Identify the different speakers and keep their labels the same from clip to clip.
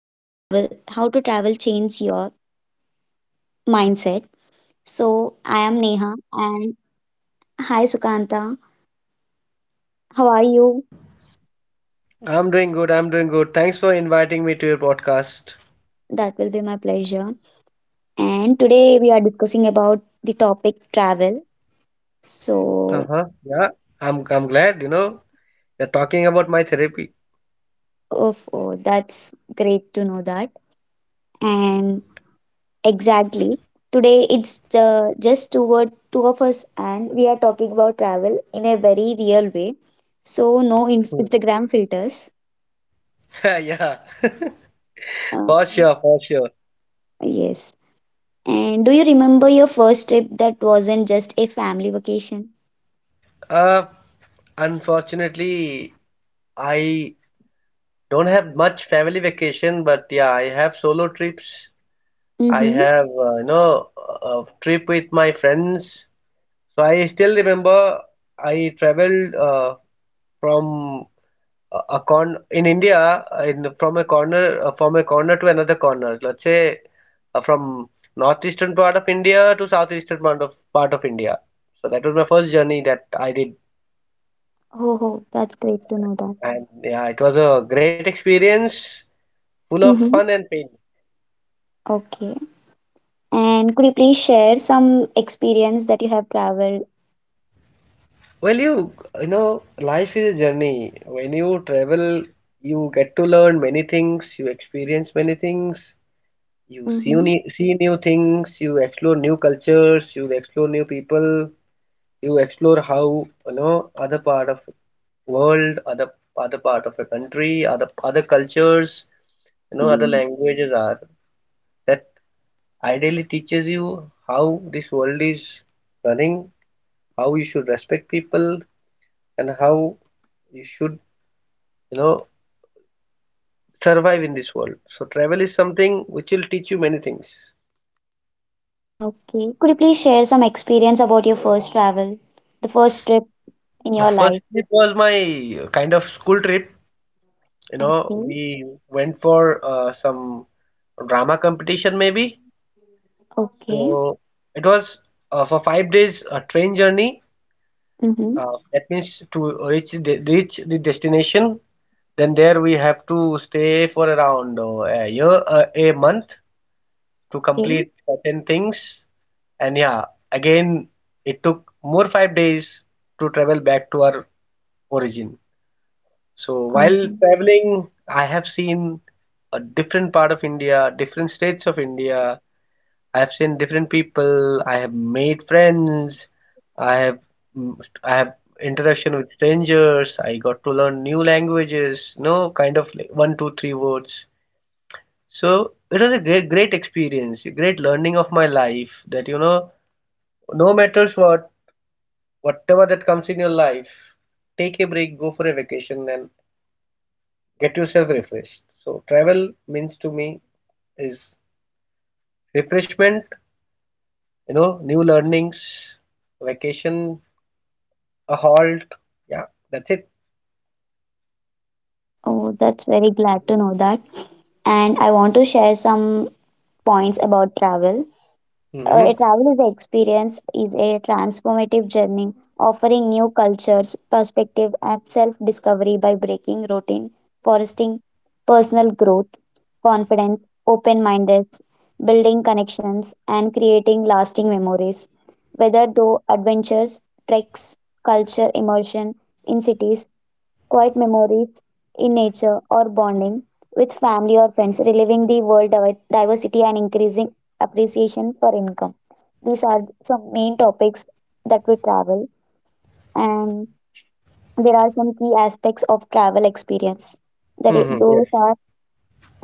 Speaker 1: how to travel change your mindset. So, I am
Speaker 2: Hi,
Speaker 1: Neha
Speaker 2: hi Neha.
Speaker 1: and hi, Sukanta. How are you?
Speaker 2: I'm doing good. I'm doing good. Thanks for inviting me to your podcast.
Speaker 1: That will be my pleasure. And today we are discussing about the topic travel. So,
Speaker 2: Uh-huh. Yeah, I'm glad, you're talking about my therapy.
Speaker 1: oh, that's great to know that. And exactly. Today it's just two of us, and we are talking about travel in a very real way. So no
Speaker 2: Hmm.
Speaker 1: Instagram filters.
Speaker 2: Yeah, for
Speaker 1: Um,
Speaker 2: sure, for sure.
Speaker 1: yes. And do you remember your first trip that wasn't just a family vacation?
Speaker 2: Uh, Unfortunately, I don't have much family vacation, but yeah, I have solo trips. I
Speaker 1: Mm-hmm.
Speaker 2: have, a trip with my friends. So I still remember I traveled from a con in India, in from a corner to another corner. Let's say from northeastern part of India to southeastern part of India. So that was my first journey that I did,
Speaker 1: Oh, oh, that's great to know that.
Speaker 2: and yeah, it was a great experience, full of fun
Speaker 1: Mm-hmm.
Speaker 2: and pain.
Speaker 1: Okay. And could you please share some experience that you have traveled?
Speaker 2: Well, you know, life is a journey. When you travel, you get to learn many things. You experience many things. You
Speaker 1: Mm-hmm.
Speaker 2: see new things. You explore new cultures. You explore new people. You explore how, you know, other part of world, other other part of a country, other other cultures, you know, other
Speaker 1: Mm.
Speaker 2: languages are, that ideally teaches you how this world is running, how you should respect people, and how you should, you know, survive in this world. So travel is something which will teach you many things.
Speaker 1: Okay. Could you please share some experience about your first travel, the first trip in
Speaker 2: The
Speaker 1: your
Speaker 2: first
Speaker 1: life?
Speaker 2: trip was my kind of school trip, you know,
Speaker 1: Okay,
Speaker 2: we went for some drama competition maybe.
Speaker 1: okay,
Speaker 2: So it was for 5 days a train journey.
Speaker 1: mm-hmm,
Speaker 2: That means to reach reach the destination. Then there we have to stay for around a month to
Speaker 1: okay.
Speaker 2: complete certain things. And yeah, again it took more 5 days to travel back to our origin. So
Speaker 1: Um,
Speaker 2: while traveling, I have seen a different part of India, different states of India, I've seen different people. I have made friends. I have, mm, I have interaction with strangers. I got to learn new languages. No kind of like one, two, three words. So it was a great experience, a great learning of my life. That, you know, no matters what, whatever that comes in your life, take a break, go for a vacation, and get yourself refreshed. So travel means to me is refreshment. You know, new learnings, vacation, a halt. Yeah, that's it.
Speaker 1: oh, that's very glad to know that. And I want to share some points about travel.
Speaker 2: Hmm.
Speaker 1: A travel is the experience is a transformative journey offering new cultures, perspective, and self-discovery by breaking routine, fostering personal growth, confidence, open-mindedness, building connections, and creating lasting memories. Whether through adventures, treks, culture immersion in cities, quiet memories in nature, or bonding with family or friends, reliving the world diversity and increasing appreciation for income. These are some main topics that we travel, and there are some key aspects of travel experience.
Speaker 2: Hmm.
Speaker 1: Those
Speaker 2: Yes.
Speaker 1: are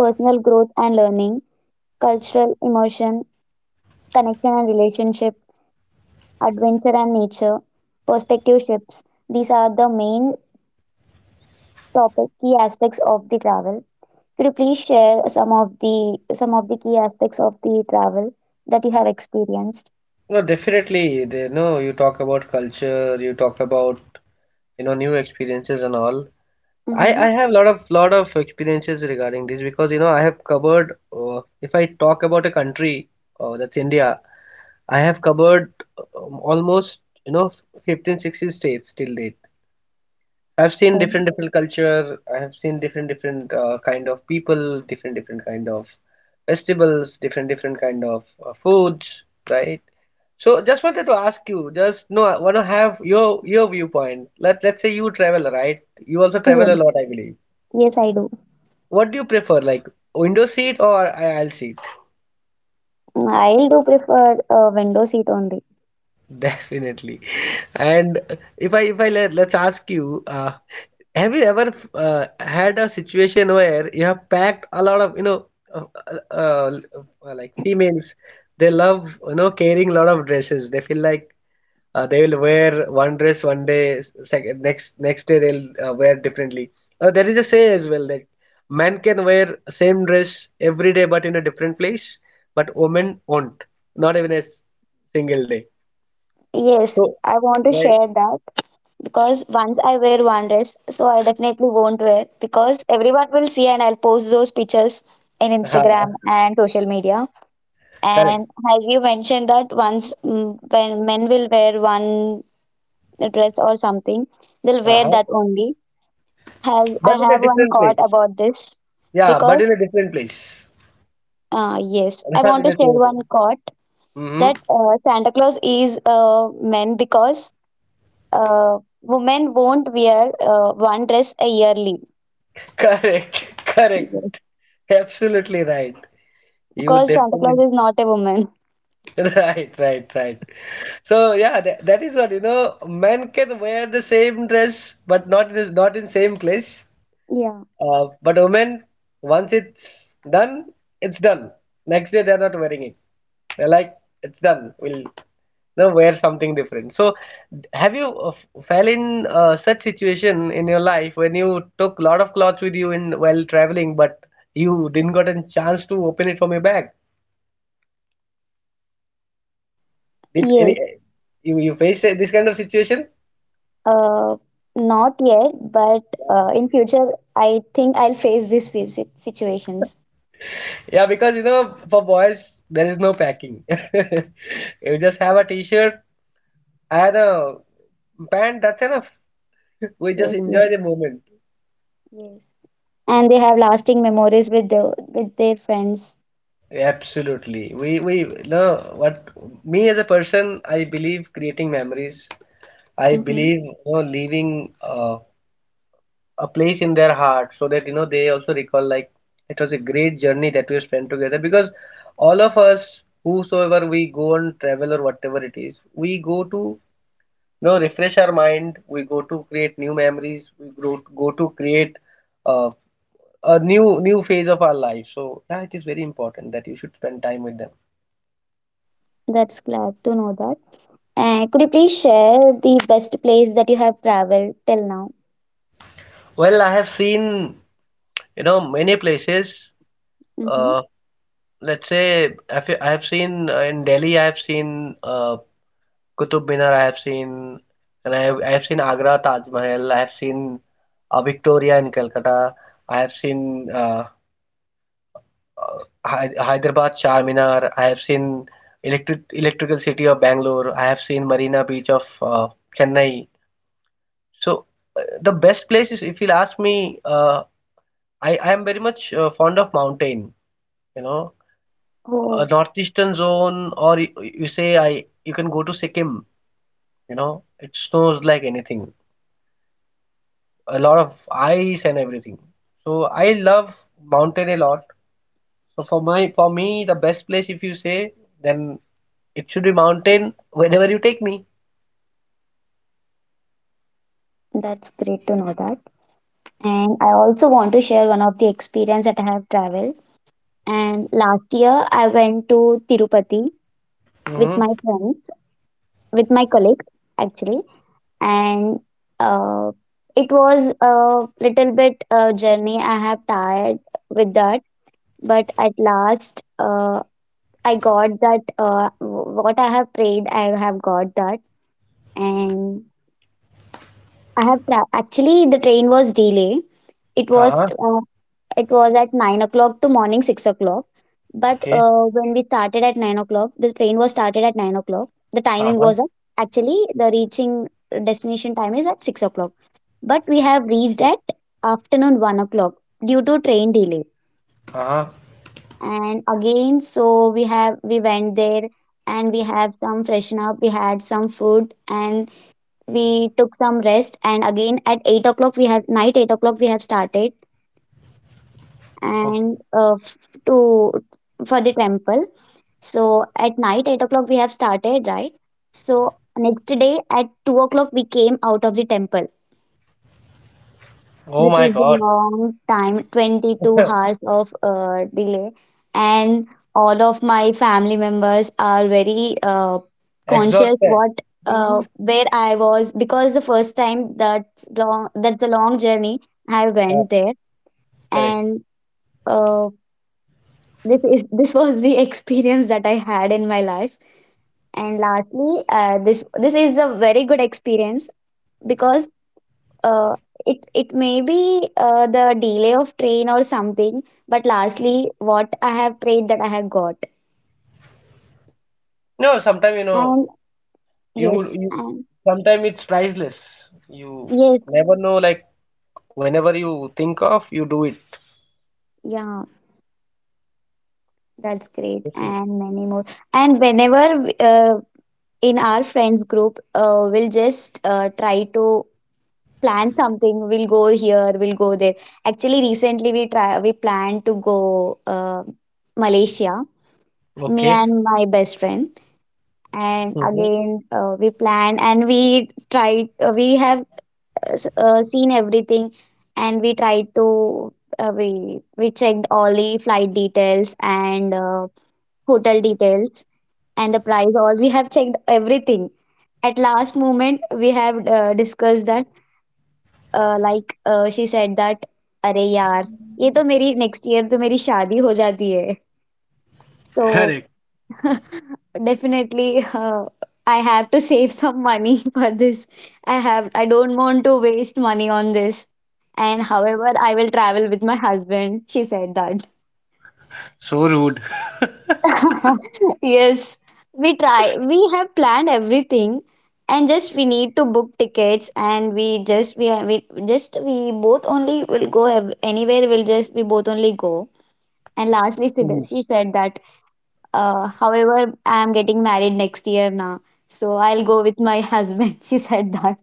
Speaker 1: personal growth and learning, cultural immersion, connection and relationship, adventure and nature, perspective shifts. These are the main topic key aspects of the travel. Could you please share some of the key aspects of the travel that you have experienced?
Speaker 2: No, definitely. They, no, you talk about culture. You talk about, you know, new experiences and all. I
Speaker 1: Mm-hmm.
Speaker 2: have a lot of experiences regarding this because, you know, I have covered. If I talk about a country, that's India. I have covered, almost, you know, 15, 16 states till date. I've seen
Speaker 1: Oh,
Speaker 2: different culture. I have seen different kind of people, different kind of festivals, different kind of foods, right? So just wanted to ask you, just no, I want to have your viewpoint. Let's say you travel, right? You also travel
Speaker 1: yes,
Speaker 2: a lot, I believe.
Speaker 1: yes, I do.
Speaker 2: What do you prefer, like window seat or aisle seat?
Speaker 1: I do prefer a window seat only.
Speaker 2: Definitely. And if I let's ask you, have you ever had a situation where you have packed a lot of, you know, uh, uh, like females, they love, you know, carrying a lot of dresses. They feel like they will wear one dress one day, second, next day they'll wear differently. There is a say as well that men can wear same dress every day but in a different place, but women won't, not even a single day.
Speaker 1: Yes,
Speaker 2: So,
Speaker 1: I want to
Speaker 2: right?
Speaker 1: share that because once I wear one dress, so I definitely won't wear because everyone will see and I'll post those pictures in
Speaker 2: Ha,
Speaker 1: Instagram and social media.
Speaker 2: correct.
Speaker 1: And as you mentioned that once when men will wear one dress or something, they'll wear
Speaker 2: Uh-huh.
Speaker 1: that only. Have I
Speaker 2: But in a
Speaker 1: have one
Speaker 2: different
Speaker 1: quote
Speaker 2: place.
Speaker 1: about this
Speaker 2: Yeah, but
Speaker 1: because
Speaker 2: in a different place,
Speaker 1: yes, I
Speaker 2: not in
Speaker 1: want
Speaker 2: the
Speaker 1: to share
Speaker 2: same place.
Speaker 1: one quote
Speaker 2: Hmm.
Speaker 1: that Santa Claus is men because women won't wear one dress a yearly.
Speaker 2: Correct,
Speaker 1: Yes.
Speaker 2: correct. Absolutely right. You
Speaker 1: Because Santa
Speaker 2: definitely
Speaker 1: Claus is not a woman.
Speaker 2: right, right, right. So yeah, that is what, you know. Men can wear the same dress, but not in same place.
Speaker 1: Yeah.
Speaker 2: But women, once it's done, it's done. Next day they're not wearing it. They're like, it's done. We'll no wear something different. So, have you fell in such situation in your life when you took lot of clothes with you in while traveling but you didn't got a chance to open it from your bag? Did any,
Speaker 1: Yes.
Speaker 2: you faced this kind of situation?
Speaker 1: Uh, Not yet, but
Speaker 2: Yeah.
Speaker 1: in future, I think I'll face these situations.
Speaker 2: Yeah, because you know for boys there is no packing. You just have a t-shirt and a pant, that's enough. We just
Speaker 1: Yes. Yes.
Speaker 2: enjoy the moment.
Speaker 1: Yes. And they have lasting memories with their friends.
Speaker 2: Absolutely. We no what me as a person, I believe creating memories. I
Speaker 1: Mm-hmm.
Speaker 2: believe, you know, leaving a place in their heart so that, you know, they also recall like it was a great journey that we have spent together, because all of us, whosoever we go on travel or whatever it is, we go to, you know, refresh our mind, we go to create new memories, we go go to create uh, a new phase of our life. So yeah, it is very important that you should spend time with them.
Speaker 1: That's glad to know that. And could you please share the best place that you have traveled till now?
Speaker 2: Well, I have seen, you know, many places.
Speaker 1: Mm-hmm.
Speaker 2: Uh, let's say I have seen in Delhi I have seen Qutub Minar I have seen, and I have seen Agra Taj Mahal I have seen, Victoria in Calcutta I have seen, uh, Hy Hyderabad Char Minar I have seen, electrical city of Bangalore I have seen, Marina Beach of Chennai. So the best places if you'll ask me, I am very much fond of mountain, you know,
Speaker 1: Oh,
Speaker 2: northeastern zone, you say, you can go to Sikkim. You know, it snows like anything, a lot of ice and everything. So I love mountain a lot. So for me, the best place if you say, then it should be mountain whenever you take me.
Speaker 1: that's great to know that. And I also want to share one of the experience that I have traveled. And last year I went to Tirupati with
Speaker 2: Mm-hmm.
Speaker 1: my friends, with my colleagues actually, and uh, it was a little bit journey. I have tired with that, but at last I got that what I have prayed. I have got that. And actually the train was delay. It was
Speaker 2: Uh-huh.
Speaker 1: uh, it was at 9 o'clock to morning 6 o'clock. But
Speaker 2: Okay.
Speaker 1: when we started at 9 o'clock, the train was started at 9 o'clock. The timing
Speaker 2: Uh-huh.
Speaker 1: was at, Actually the reaching destination time is at 6 o'clock. But we have reached
Speaker 2: Okay.
Speaker 1: at afternoon 1 o'clock due to train delay.
Speaker 2: Uh-huh.
Speaker 1: And again, so we went there and we have some freshen up. We had some food and we took some rest, and again at 8 o'clock we have night 8 o'clock we have started and
Speaker 2: Okay.
Speaker 1: to for the temple. So at night 8 o'clock we have started, right? So next day at 2 o'clock we came out of the temple.
Speaker 2: Oh
Speaker 1: This
Speaker 2: my
Speaker 1: is a
Speaker 2: God.
Speaker 1: long time, 22 hours of delay. And all of my family members are very conscious
Speaker 2: Exhausted.
Speaker 1: what
Speaker 2: Hmm.
Speaker 1: where I was, because the first time that's a long journey I
Speaker 2: Uh,
Speaker 1: went there.
Speaker 2: correct.
Speaker 1: And uh, this is this was the experience that I had in my life. And lastly this is a very good experience, because uh, it may be the delay of train or something, but lastly what I have prayed that I have got.
Speaker 2: No, sometimes you know,
Speaker 1: And
Speaker 2: you
Speaker 1: yes,
Speaker 2: you
Speaker 1: and
Speaker 2: sometimes it's priceless. You
Speaker 1: yes,
Speaker 2: never know like whenever you think of, you do it.
Speaker 1: yeah, that's great
Speaker 2: Definitely.
Speaker 1: and many more. And whenever uh, in our friends group, we'll just try to plan something. We'll go here, we'll go there. Actually recently we planned to go uh, Malaysia, me
Speaker 2: Okay.
Speaker 1: and my best friend. And
Speaker 2: Mhm.
Speaker 1: again, we plan and we tried. We have seen everything, and we tried to we checked all the flight details and hotel details and the price. All we have checked everything. At last moment we have discussed that like she said that अरे यार ये तो मेरी next year तो मेरी शादी हो जाती है तो
Speaker 2: Correct.
Speaker 1: Definitely, I have to save some money for this. I don't want to waste money on this. And however, I will travel with my husband. She said that.
Speaker 2: So rude.
Speaker 1: Yes, we try. We have planned everything, and just we need to book tickets, and we both only will go anywhere. We both only go. And lastly,
Speaker 2: Mhm.
Speaker 1: she said that. However, I'm getting married next year now, so I'll go with my husband. She said that.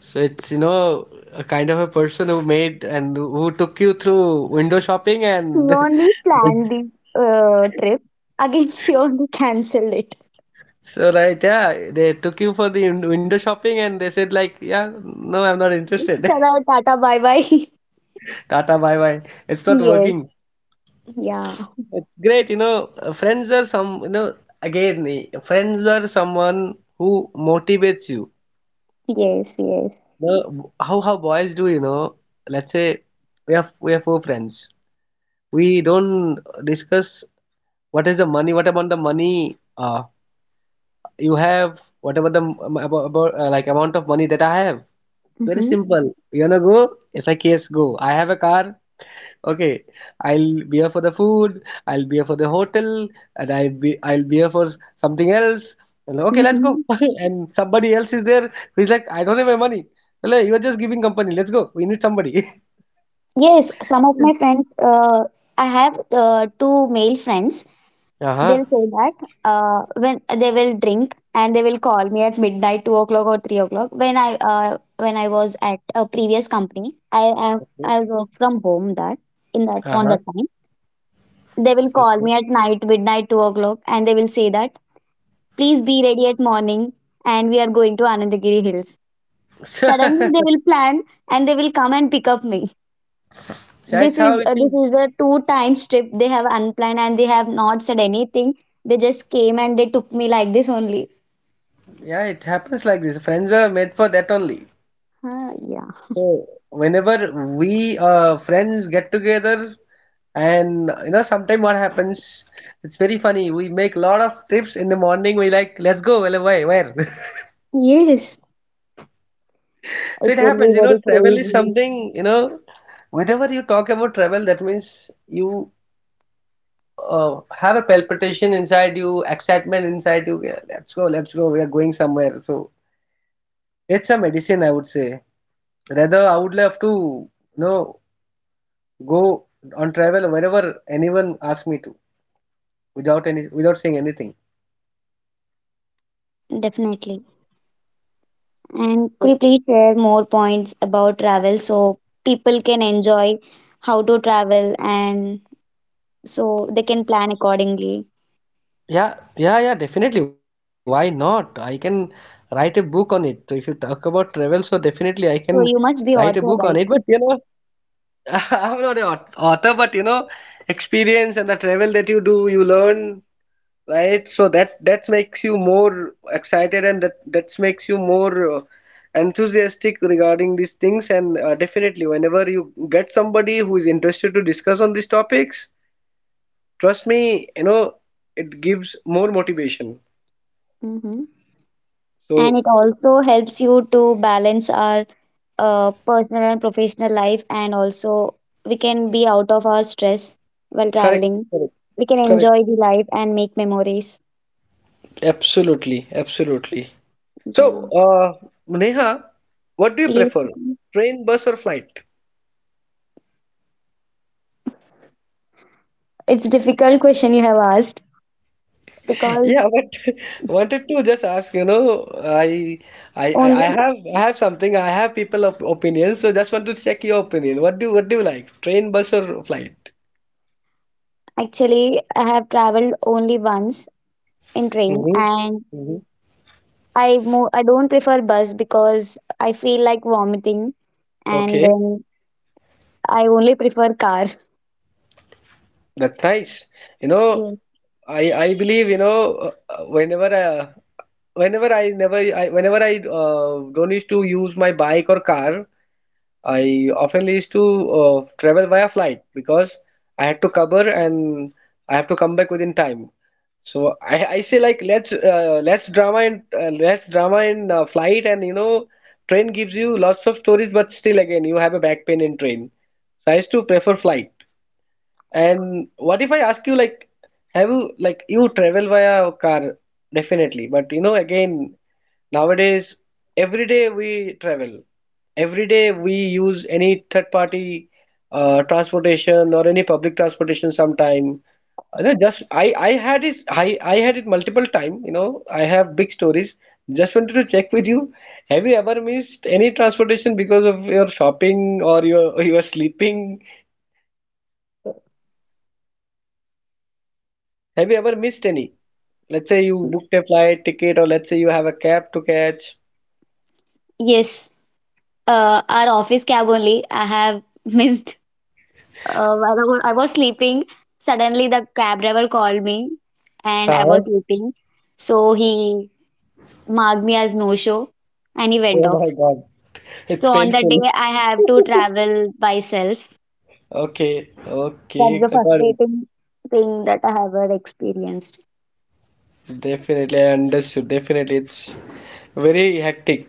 Speaker 2: So it's, you know, a kind of a person who made and who took you through window shopping
Speaker 1: She
Speaker 2: and
Speaker 1: only planned the trip. Again, she only cancelled it.
Speaker 2: so right, yeah, they took you for the window shopping and they said like, yeah, no, I'm not interested.
Speaker 1: Chalo, tata, bye bye.
Speaker 2: Tata, bye bye. It's not
Speaker 1: yes,
Speaker 2: working.
Speaker 1: yeah,
Speaker 2: It's great, you know, friends are some, you know, friends are someone who motivates you.
Speaker 1: yes, yes.
Speaker 2: No, how boys do, you know, let's say we have four friends. We don't discuss what is the money, what about the money, you have, whatever about like amount of money that I have. Very
Speaker 1: Mm-hmm,
Speaker 2: simple. You wanna go? It's like yes, go. I have a car. Okay, I'll be here for the food. I'll be here for the hotel, and I'll be here for something else. And okay, let's go.
Speaker 1: mm-hmm.
Speaker 2: And somebody else is there who's like, I don't have my money. Hello, you are just giving company. Let's go. We need somebody.
Speaker 1: Yes, some of
Speaker 2: Mm.
Speaker 1: my friends, I have two male friends.
Speaker 2: Uh-huh.
Speaker 1: They'll say that when they will drink and they will call me at midnight, 2 o'clock or 3 o'clock. When I was at a previous company, I,
Speaker 2: Okay.
Speaker 1: I work from home that in that on
Speaker 2: Uh-huh.
Speaker 1: that time. They will call
Speaker 2: Okay.
Speaker 1: me at night, midnight, 2 o'clock, and they will say that please be ready at morning, and we are going to Anandagiri Hills. Suddenly they will plan and they will come and pick up me.
Speaker 2: So that's how it
Speaker 1: This
Speaker 2: is.
Speaker 1: is a two time trip they have unplanned and they have not said anything. They just came and they took me like this only.
Speaker 2: Yeah, it happens like this. Friends are made for that only.
Speaker 1: Ah, yeah,
Speaker 2: So whenever we friends get together, and you know, sometime what happens, it's very funny. We make a lot of trips in the morning. We like, let's go. Well, why? Where?
Speaker 1: yes,
Speaker 2: So
Speaker 1: it
Speaker 2: it
Speaker 1: will be
Speaker 2: happens. You know,
Speaker 1: very
Speaker 2: travel is
Speaker 1: crazy.
Speaker 2: something. You know, whenever you talk about travel, that means you have a palpitation inside you, excitement inside you. Yeah, let's go, let's go. We are going somewhere. So it's a medicine, I would say. Rather, I would love to, you know, go on travel wherever anyone asks me to, without saying anything.
Speaker 1: Definitely. And could you
Speaker 2: Oh,
Speaker 1: please share more points about travel so people can enjoy how to travel and so they can plan accordingly?
Speaker 2: yeah, yeah, yeah, definitely. Why not? I can write a book on it. So if you talk about travel, so definitely I can
Speaker 1: So you
Speaker 2: write
Speaker 1: must
Speaker 2: a
Speaker 1: be
Speaker 2: book on
Speaker 1: author,
Speaker 2: it. But
Speaker 1: right?
Speaker 2: you know, I'm not an author, but you know, experience and the travel that you do, you learn, right? So that makes you more excited, and that makes you more enthusiastic regarding these things, and definitely whenever you get somebody who is interested to discuss on these topics, trust me, you know, it gives more motivation.
Speaker 1: Mm-hmm.
Speaker 2: So
Speaker 1: And it also helps you to balance our personal and professional life, and also we can be out of our stress while
Speaker 2: correct,
Speaker 1: traveling.
Speaker 2: correct,
Speaker 1: We can
Speaker 2: correct.
Speaker 1: enjoy the life and make memories.
Speaker 2: Absolutely, absolutely. So
Speaker 1: Yeah.
Speaker 2: uh, Neha, what do you
Speaker 1: Yes.
Speaker 2: prefer, train, bus, or flight?
Speaker 1: It's a difficult question you have asked because
Speaker 2: Yeah, but wanted to just ask, you know,
Speaker 1: only
Speaker 2: I have something. I have people op opinions, so just want to check your opinion. What do you like? Train, bus, or flight?
Speaker 1: actually I have traveled only once in train,
Speaker 2: Hmm.
Speaker 1: and
Speaker 2: Hmm.
Speaker 1: I don't prefer bus because I feel like vomiting, and
Speaker 2: Okay,
Speaker 1: then I only prefer car.
Speaker 2: that's nice. You know,
Speaker 1: Yeah.
Speaker 2: I believe, whenever I never, I, whenever I don't used to use my bike or car, I often used to travel via flight because I had to cover and I have to come back within time. So I say, like, let's less drama and less drama in flight. And train gives you lots of stories, but still again you have a back pain in train. So I used to prefer flight. And what if I ask you, like, have you, like, you travel via car definitely, but you know, again, nowadays, every day we travel, every day we use any third party transportation or any public transportation sometime. No, just I had it, I had it multiple time. You know, I have big stories. Just wanted to check with you. Have you ever missed any transportation because of your shopping or your sleeping? Have you ever missed any? Let's say you booked a flight ticket or let's say you have a cab to catch.
Speaker 1: Yes, our office cab only. I have missed. While I was sleeping. Suddenly, the cab driver called me, and I was
Speaker 2: Uh-huh.
Speaker 1: sleeping. So he marked me as no show, and he went
Speaker 2: Oh
Speaker 1: off.
Speaker 2: my God,
Speaker 1: So
Speaker 2: it's
Speaker 1: on that day,
Speaker 2: painful.
Speaker 1: I have to travel by self.
Speaker 2: Okay,
Speaker 1: That's
Speaker 2: okay,
Speaker 1: the
Speaker 2: I got it.
Speaker 1: frustrating thing that I have ever experienced.
Speaker 2: Definitely, I understood. Definitely, it's very hectic.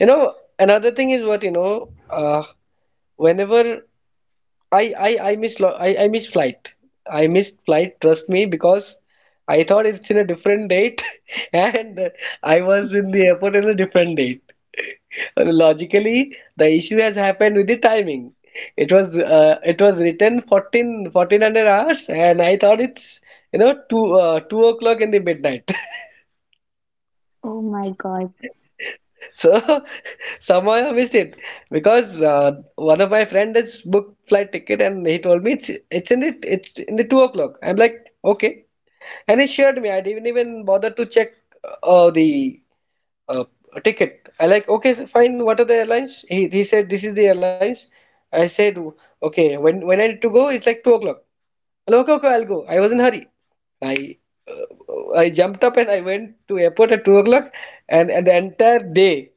Speaker 2: You know, another thing is what, uh, whenever I missed flight. I missed flight. Trust me, because I thought it's in a different date, and I was in the airport in a different date. Logically, the issue has happened with the timing. It was written fourteen hundred hours, and I thought it's, you know, 2 o'clock in the midnight.
Speaker 1: Oh my god.
Speaker 2: So, somehow I missed it because one of my friend has booked flight ticket and he told me it's in the 2 o'clock. I'm like, okay, and he shared me. I didn't even bother to check the uh, ticket. I like, okay, so fine. What are the airlines? He said this is the airlines. I said, okay, when I need to go, it's like 2 o'clock. Hello, okay, okay, I'll go. I was in hurry. I I jumped up and I went to airport at 2 o'clock and the entire day.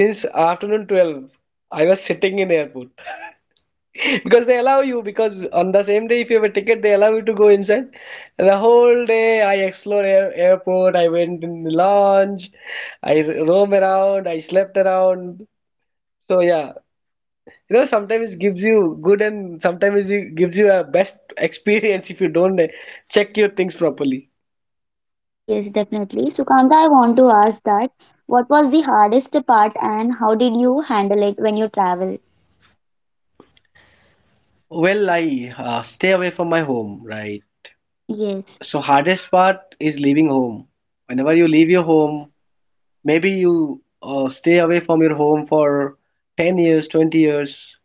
Speaker 2: Since afternoon 12, I was sitting in airport. Because they allow you, because on the same day if you have a ticket they allow you to go inside. The whole day I explored airport. I went in the lounge. Roam around. I slept around. So yeah, you know, sometimes it gives you good and sometimes it gives you a best experience if you don't check your things properly.
Speaker 1: Yes, definitely. So Kanta, I want to ask that what was the hardest part and how did you handle it when you travel?
Speaker 2: Well, I stay away from my home, right?
Speaker 1: Yes.
Speaker 2: So hardest part is leaving home. Whenever you leave your home, maybe you stay away from your home for 10 years, 20 years,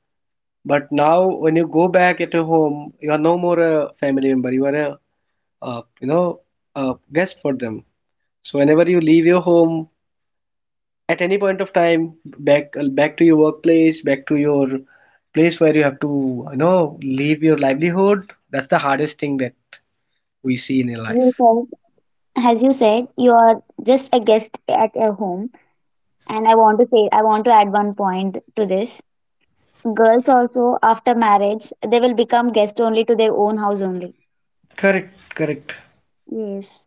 Speaker 2: but now when you go back at your home, you are no more a family member. You are uh, you know, a guest for them. So whenever you leave your home, at any point of time, back to your workplace, back to your place where you have to, you know, leave your livelihood. That's the hardest thing that we see in your
Speaker 1: As you
Speaker 2: life.
Speaker 1: said, as you said, you are just a guest at your home. And I want to add one point to this. Girls also, after marriage, they will become guest only to their own house only.
Speaker 2: Correct, correct.
Speaker 1: Yes.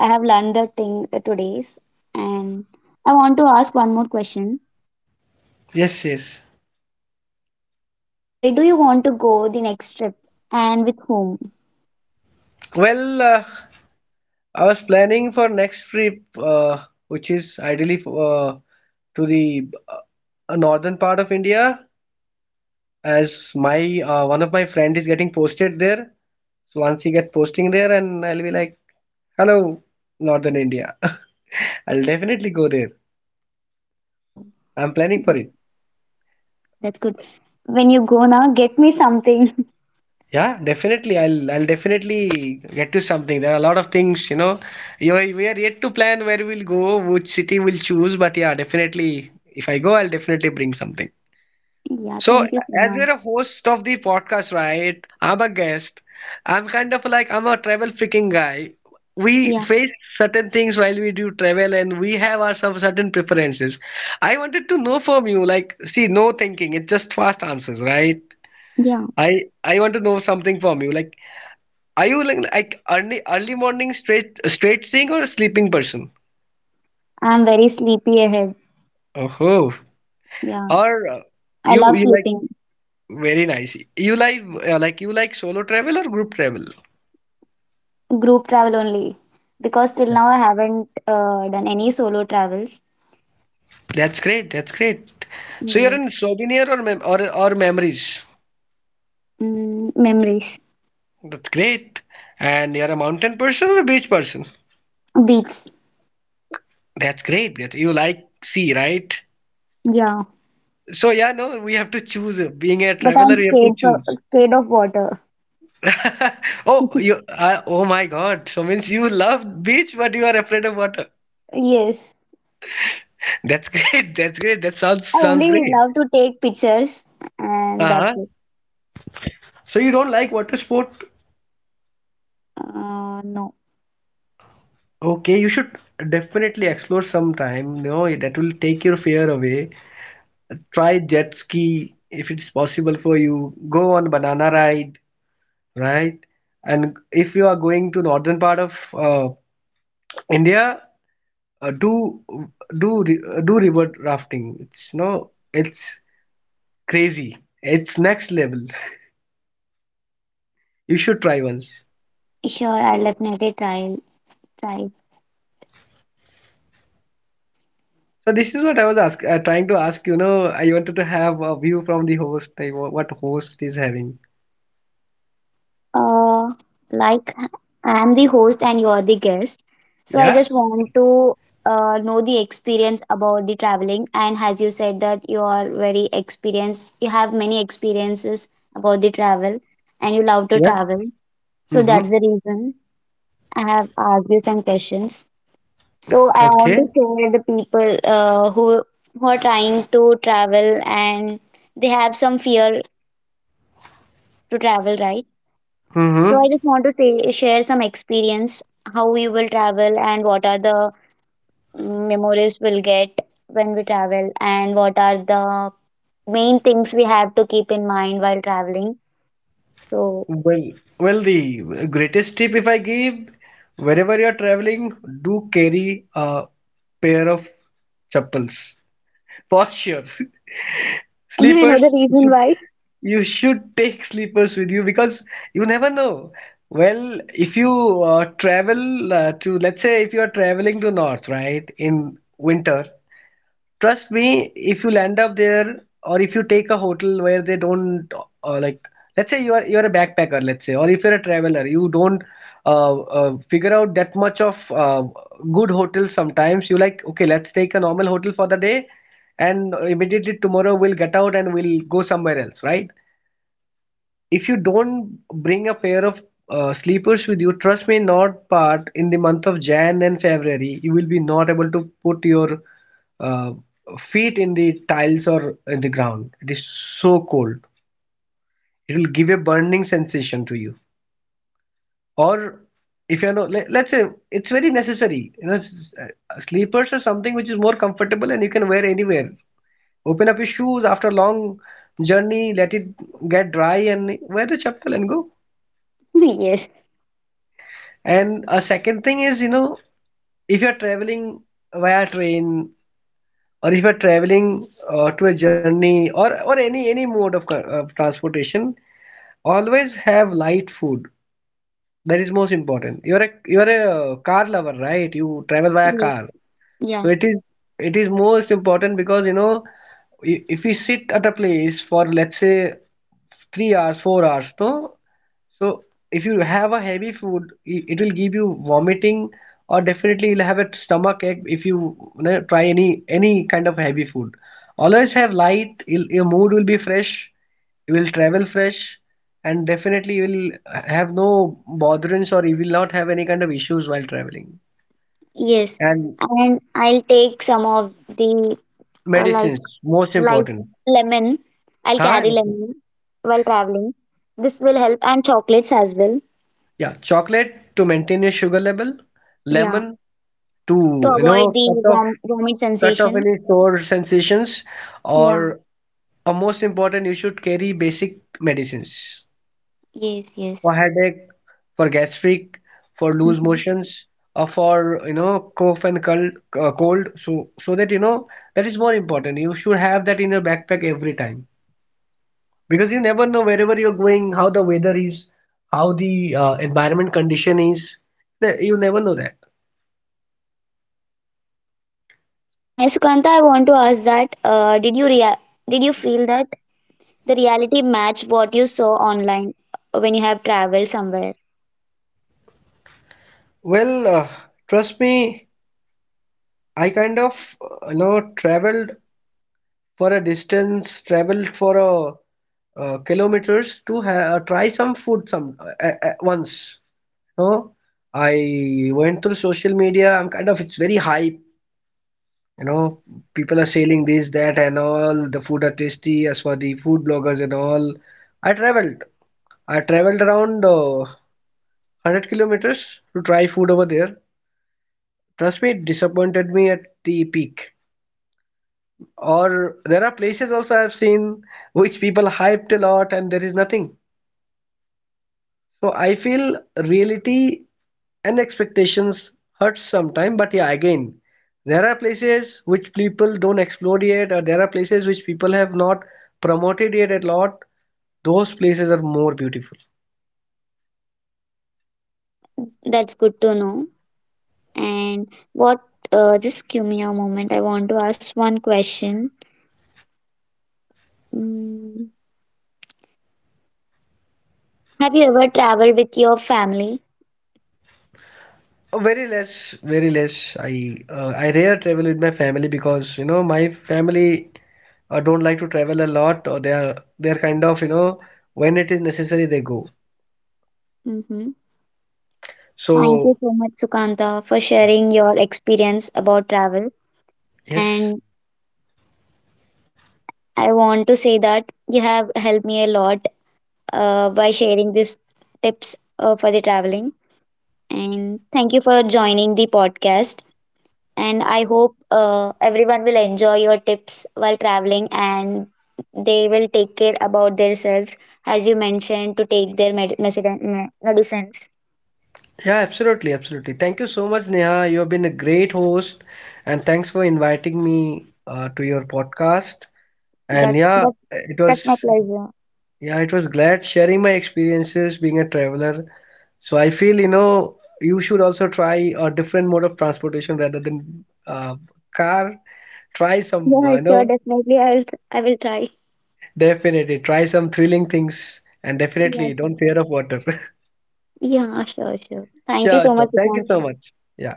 Speaker 1: I have learned the thing today's, and I want to ask one more question.
Speaker 2: Yes, yes.
Speaker 1: Where do you want to go the next trip, and with whom?
Speaker 2: Well, I was planning for next trip, which is ideally to the northern part of India, as my one of my friend is getting posted there. So once he get posting there, and I'll be like, "Hello, northern India." I'll definitely go there.
Speaker 1: Oh,
Speaker 2: I'm planning for
Speaker 1: th-
Speaker 2: it.
Speaker 1: that's good. When you go now, get me something.
Speaker 2: Yeah, definitely. I'll definitely get to something. There are a lot of things, you know. You we are yet to plan where we'll go, which city we'll choose, but yeah, definitely. If I go, I'll definitely bring something.
Speaker 1: yeah,
Speaker 2: So,
Speaker 1: thank you so
Speaker 2: as
Speaker 1: much.
Speaker 2: we're a host of the podcast, right? I'm a guest. I'm kind of like I'm a travel freaking guy. We
Speaker 1: Yeah,
Speaker 2: face certain things while we do travel, and we have our some certain preferences. I wanted to know from you, like, see, no thinking. It's just fast answers, right?
Speaker 1: yeah.
Speaker 2: I I want to know something from you. Like, are you like, like early morning straight thing or a sleeping person?
Speaker 1: I'm very sleepy ahead.
Speaker 2: Oh,
Speaker 1: Yeah,
Speaker 2: or
Speaker 1: I
Speaker 2: you
Speaker 1: love
Speaker 2: you like,
Speaker 1: sleeping.
Speaker 2: very nice. You like, like, you like solo travel or group travel?
Speaker 1: Group travel only, because till now I haven't done any solo travels.
Speaker 2: That's great. That's great. So you're
Speaker 1: Yes.
Speaker 2: in souvenir or memories.
Speaker 1: Mm, memories,
Speaker 2: That's great. And you're a mountain person or a beach person.
Speaker 1: beats.
Speaker 2: That's great. That you like sea, right?
Speaker 1: Yeah,
Speaker 2: So yeah, no, we have to choose. Being a
Speaker 1: but
Speaker 2: traveler,
Speaker 1: I'm
Speaker 2: we have to choose.
Speaker 1: scared of water.
Speaker 2: Oh, you. Oh my God. So means you love beach, but you are afraid of water.
Speaker 1: Yes,
Speaker 2: That's great. That's great. That sounds
Speaker 1: I
Speaker 2: sounds
Speaker 1: only
Speaker 2: great.
Speaker 1: love to take pictures, and
Speaker 2: Uh-huh.
Speaker 1: that's it.
Speaker 2: So you don't like water sport?
Speaker 1: No,
Speaker 2: Okay, you should definitely explore sometime. No, that will take your fear away. Try jet ski if it's possible for you. Go on banana ride, right? And if you are going to northern part of India, uh, do do do river rafting. It's no, it's crazy. It's next level. You should try once.
Speaker 1: sure, I'll definitely try. Try.
Speaker 2: So this is what I was trying to ask. You know, I wanted to have a view from the host. Like, what host is having?
Speaker 1: Uh, like, I'm the host and you're the guest, so I
Speaker 2: Yeah.
Speaker 1: just want to know the experience about the traveling. And as you said that you are very experienced, you have many experiences about the travel, and you love to
Speaker 2: Yes.
Speaker 1: travel. So that's
Speaker 2: Mm-hmm.
Speaker 1: the reason I have asked you some questions. So I
Speaker 2: Okay.
Speaker 1: want to share the people who are trying to travel and they have some fear to travel, right? So
Speaker 2: Mm-hmm.
Speaker 1: I just want to say, share some experience how we will travel and what are the memories we'll get when we travel and what are the main things we have to keep in mind while traveling. So
Speaker 2: Well, well, the greatest tip if I give, wherever you're traveling, do carry a pair of chappals for sure.
Speaker 1: may I know
Speaker 2: Sleepers,
Speaker 1: the
Speaker 2: you
Speaker 1: reason
Speaker 2: should,
Speaker 1: why?
Speaker 2: you should take sleepers with you because you never know. Well, if you travel to, let's say, if you are traveling to north, right, in winter. Trust me, if you'll end up there or if you take a hotel where they don't, like, let's say you're a backpacker, let's say, or if you're a traveler, you don't figure out that much of good hotels sometimes. You like, okay, let's take a normal hotel for the day and immediately tomorrow we'll get out and we'll go somewhere else, right? If you don't bring a pair of sleepers with you, trust me, not part in the month of Jan and February, you will be not able to put your uh, feet in the tiles or in the ground. It is so cold. It will give a burning sensation to you. Or if you know, let's say it's very necessary. You know, sleepers are something which is more comfortable and you can wear anywhere. Open up your shoes after a long journey, let it get dry and wear the chappal and go.
Speaker 1: yes.
Speaker 2: And a second thing is, you know, if you're traveling via train or if you're traveling to a journey, or any mode of, of transportation, always have light food. That is most important. You're a car lover, right? You travel via
Speaker 1: Yes.
Speaker 2: car, so
Speaker 1: Yeah.
Speaker 2: it is most important, because you know, if we sit at a place for let's say 3 hours, 4 hours, no? So if you have a heavy food, it will give you vomiting, or definitely you'll have a stomach ache if you, you know, try any kind of heavy food. Always have light. Your mood will be fresh. You will travel fresh, and definitely you will have no botherings or you will not have any kind of issues while traveling.
Speaker 1: Yes.
Speaker 2: And
Speaker 1: And I'll take some of the like,
Speaker 2: medicines, most
Speaker 1: like
Speaker 2: important.
Speaker 1: lemon. I'll
Speaker 2: Huh?
Speaker 1: carry lemon while traveling. This will help, and chocolates as well.
Speaker 2: Yeah, chocolate to maintain your sugar level,
Speaker 1: Yeah,
Speaker 2: lemon
Speaker 1: to
Speaker 2: to, you know,
Speaker 1: avoid the
Speaker 2: cut off
Speaker 1: vomit
Speaker 2: cut off
Speaker 1: sensation.
Speaker 2: any sore sensations.
Speaker 1: Yeah,
Speaker 2: Or, most important, you should carry basic medicines
Speaker 1: yes, yes.
Speaker 2: for headache, for gastric, for loose
Speaker 1: Hmm.
Speaker 2: motions, or for, you know, cough and cold. Cold, so that, you know, that is more important. You should have that in your backpack every time because you never know wherever you're going, how the weather is, how the environment condition is. You never know that.
Speaker 1: And Sukanta, I want to ask that did you feel that the reality match what you saw online when you have traveled somewhere?
Speaker 2: Well, trust me, I kind of, traveled for a distance, traveled for a, kilometers to try some food, some, once, you know, I went through social media. I'm kind of, it's very hype, you know, people are selling this, that, and all the food are tasty as for the food bloggers and all. i traveled I traveled around 100 kilometers to try food over there. Trust me, it disappointed me at the peak. Or there are places also I've seen which people hyped a lot and there is nothing. So I feel reality and expectations hurts sometimes, but yeah, again, there are places which people don't explore yet, or there are places which people have not promoted yet a lot. Those places are more beautiful.
Speaker 1: That's good to know. And what just give me a moment. I want to ask one question. Mm. Have you ever traveled with your family?
Speaker 2: Very less, very less. I rare travel with my family because you know my family don't like to travel a lot, or they are kind of, you know, when it is necessary they go.
Speaker 1: Mm-hmm. Thank you
Speaker 2: So
Speaker 1: so much, Sukanta, for
Speaker 2: yeah.
Speaker 1: sharing your experience about travel.
Speaker 2: Yes.
Speaker 1: And I want to say that you have helped me a lot by sharing these tips for the traveling. And thank you for joining the podcast. And I hope everyone will enjoy your tips while traveling and they will take care about themselves, as you mentioned, to take their medicines.
Speaker 2: Yeah, absolutely, absolutely. Thank you so much, Neha. You have been a great host, and thanks for inviting me to your podcast. And
Speaker 1: That, that,
Speaker 2: it
Speaker 1: that's my
Speaker 2: was
Speaker 1: pleasure.
Speaker 2: yeah, it was glad sharing my experiences being a traveler. So I feel, you know, you should also try a different mode of transportation rather than car. Try some,
Speaker 1: Yeah, sure,
Speaker 2: no,
Speaker 1: definitely. I will try.
Speaker 2: definitely try some thrilling things, and
Speaker 1: Yeah,
Speaker 2: definitely don't
Speaker 1: sure.
Speaker 2: fear of water.
Speaker 1: Yeah, sure, sure. Thank you
Speaker 2: Sure,
Speaker 1: so
Speaker 2: sure.
Speaker 1: much,
Speaker 2: Thank you so
Speaker 1: Sukanta.
Speaker 2: much. Yeah.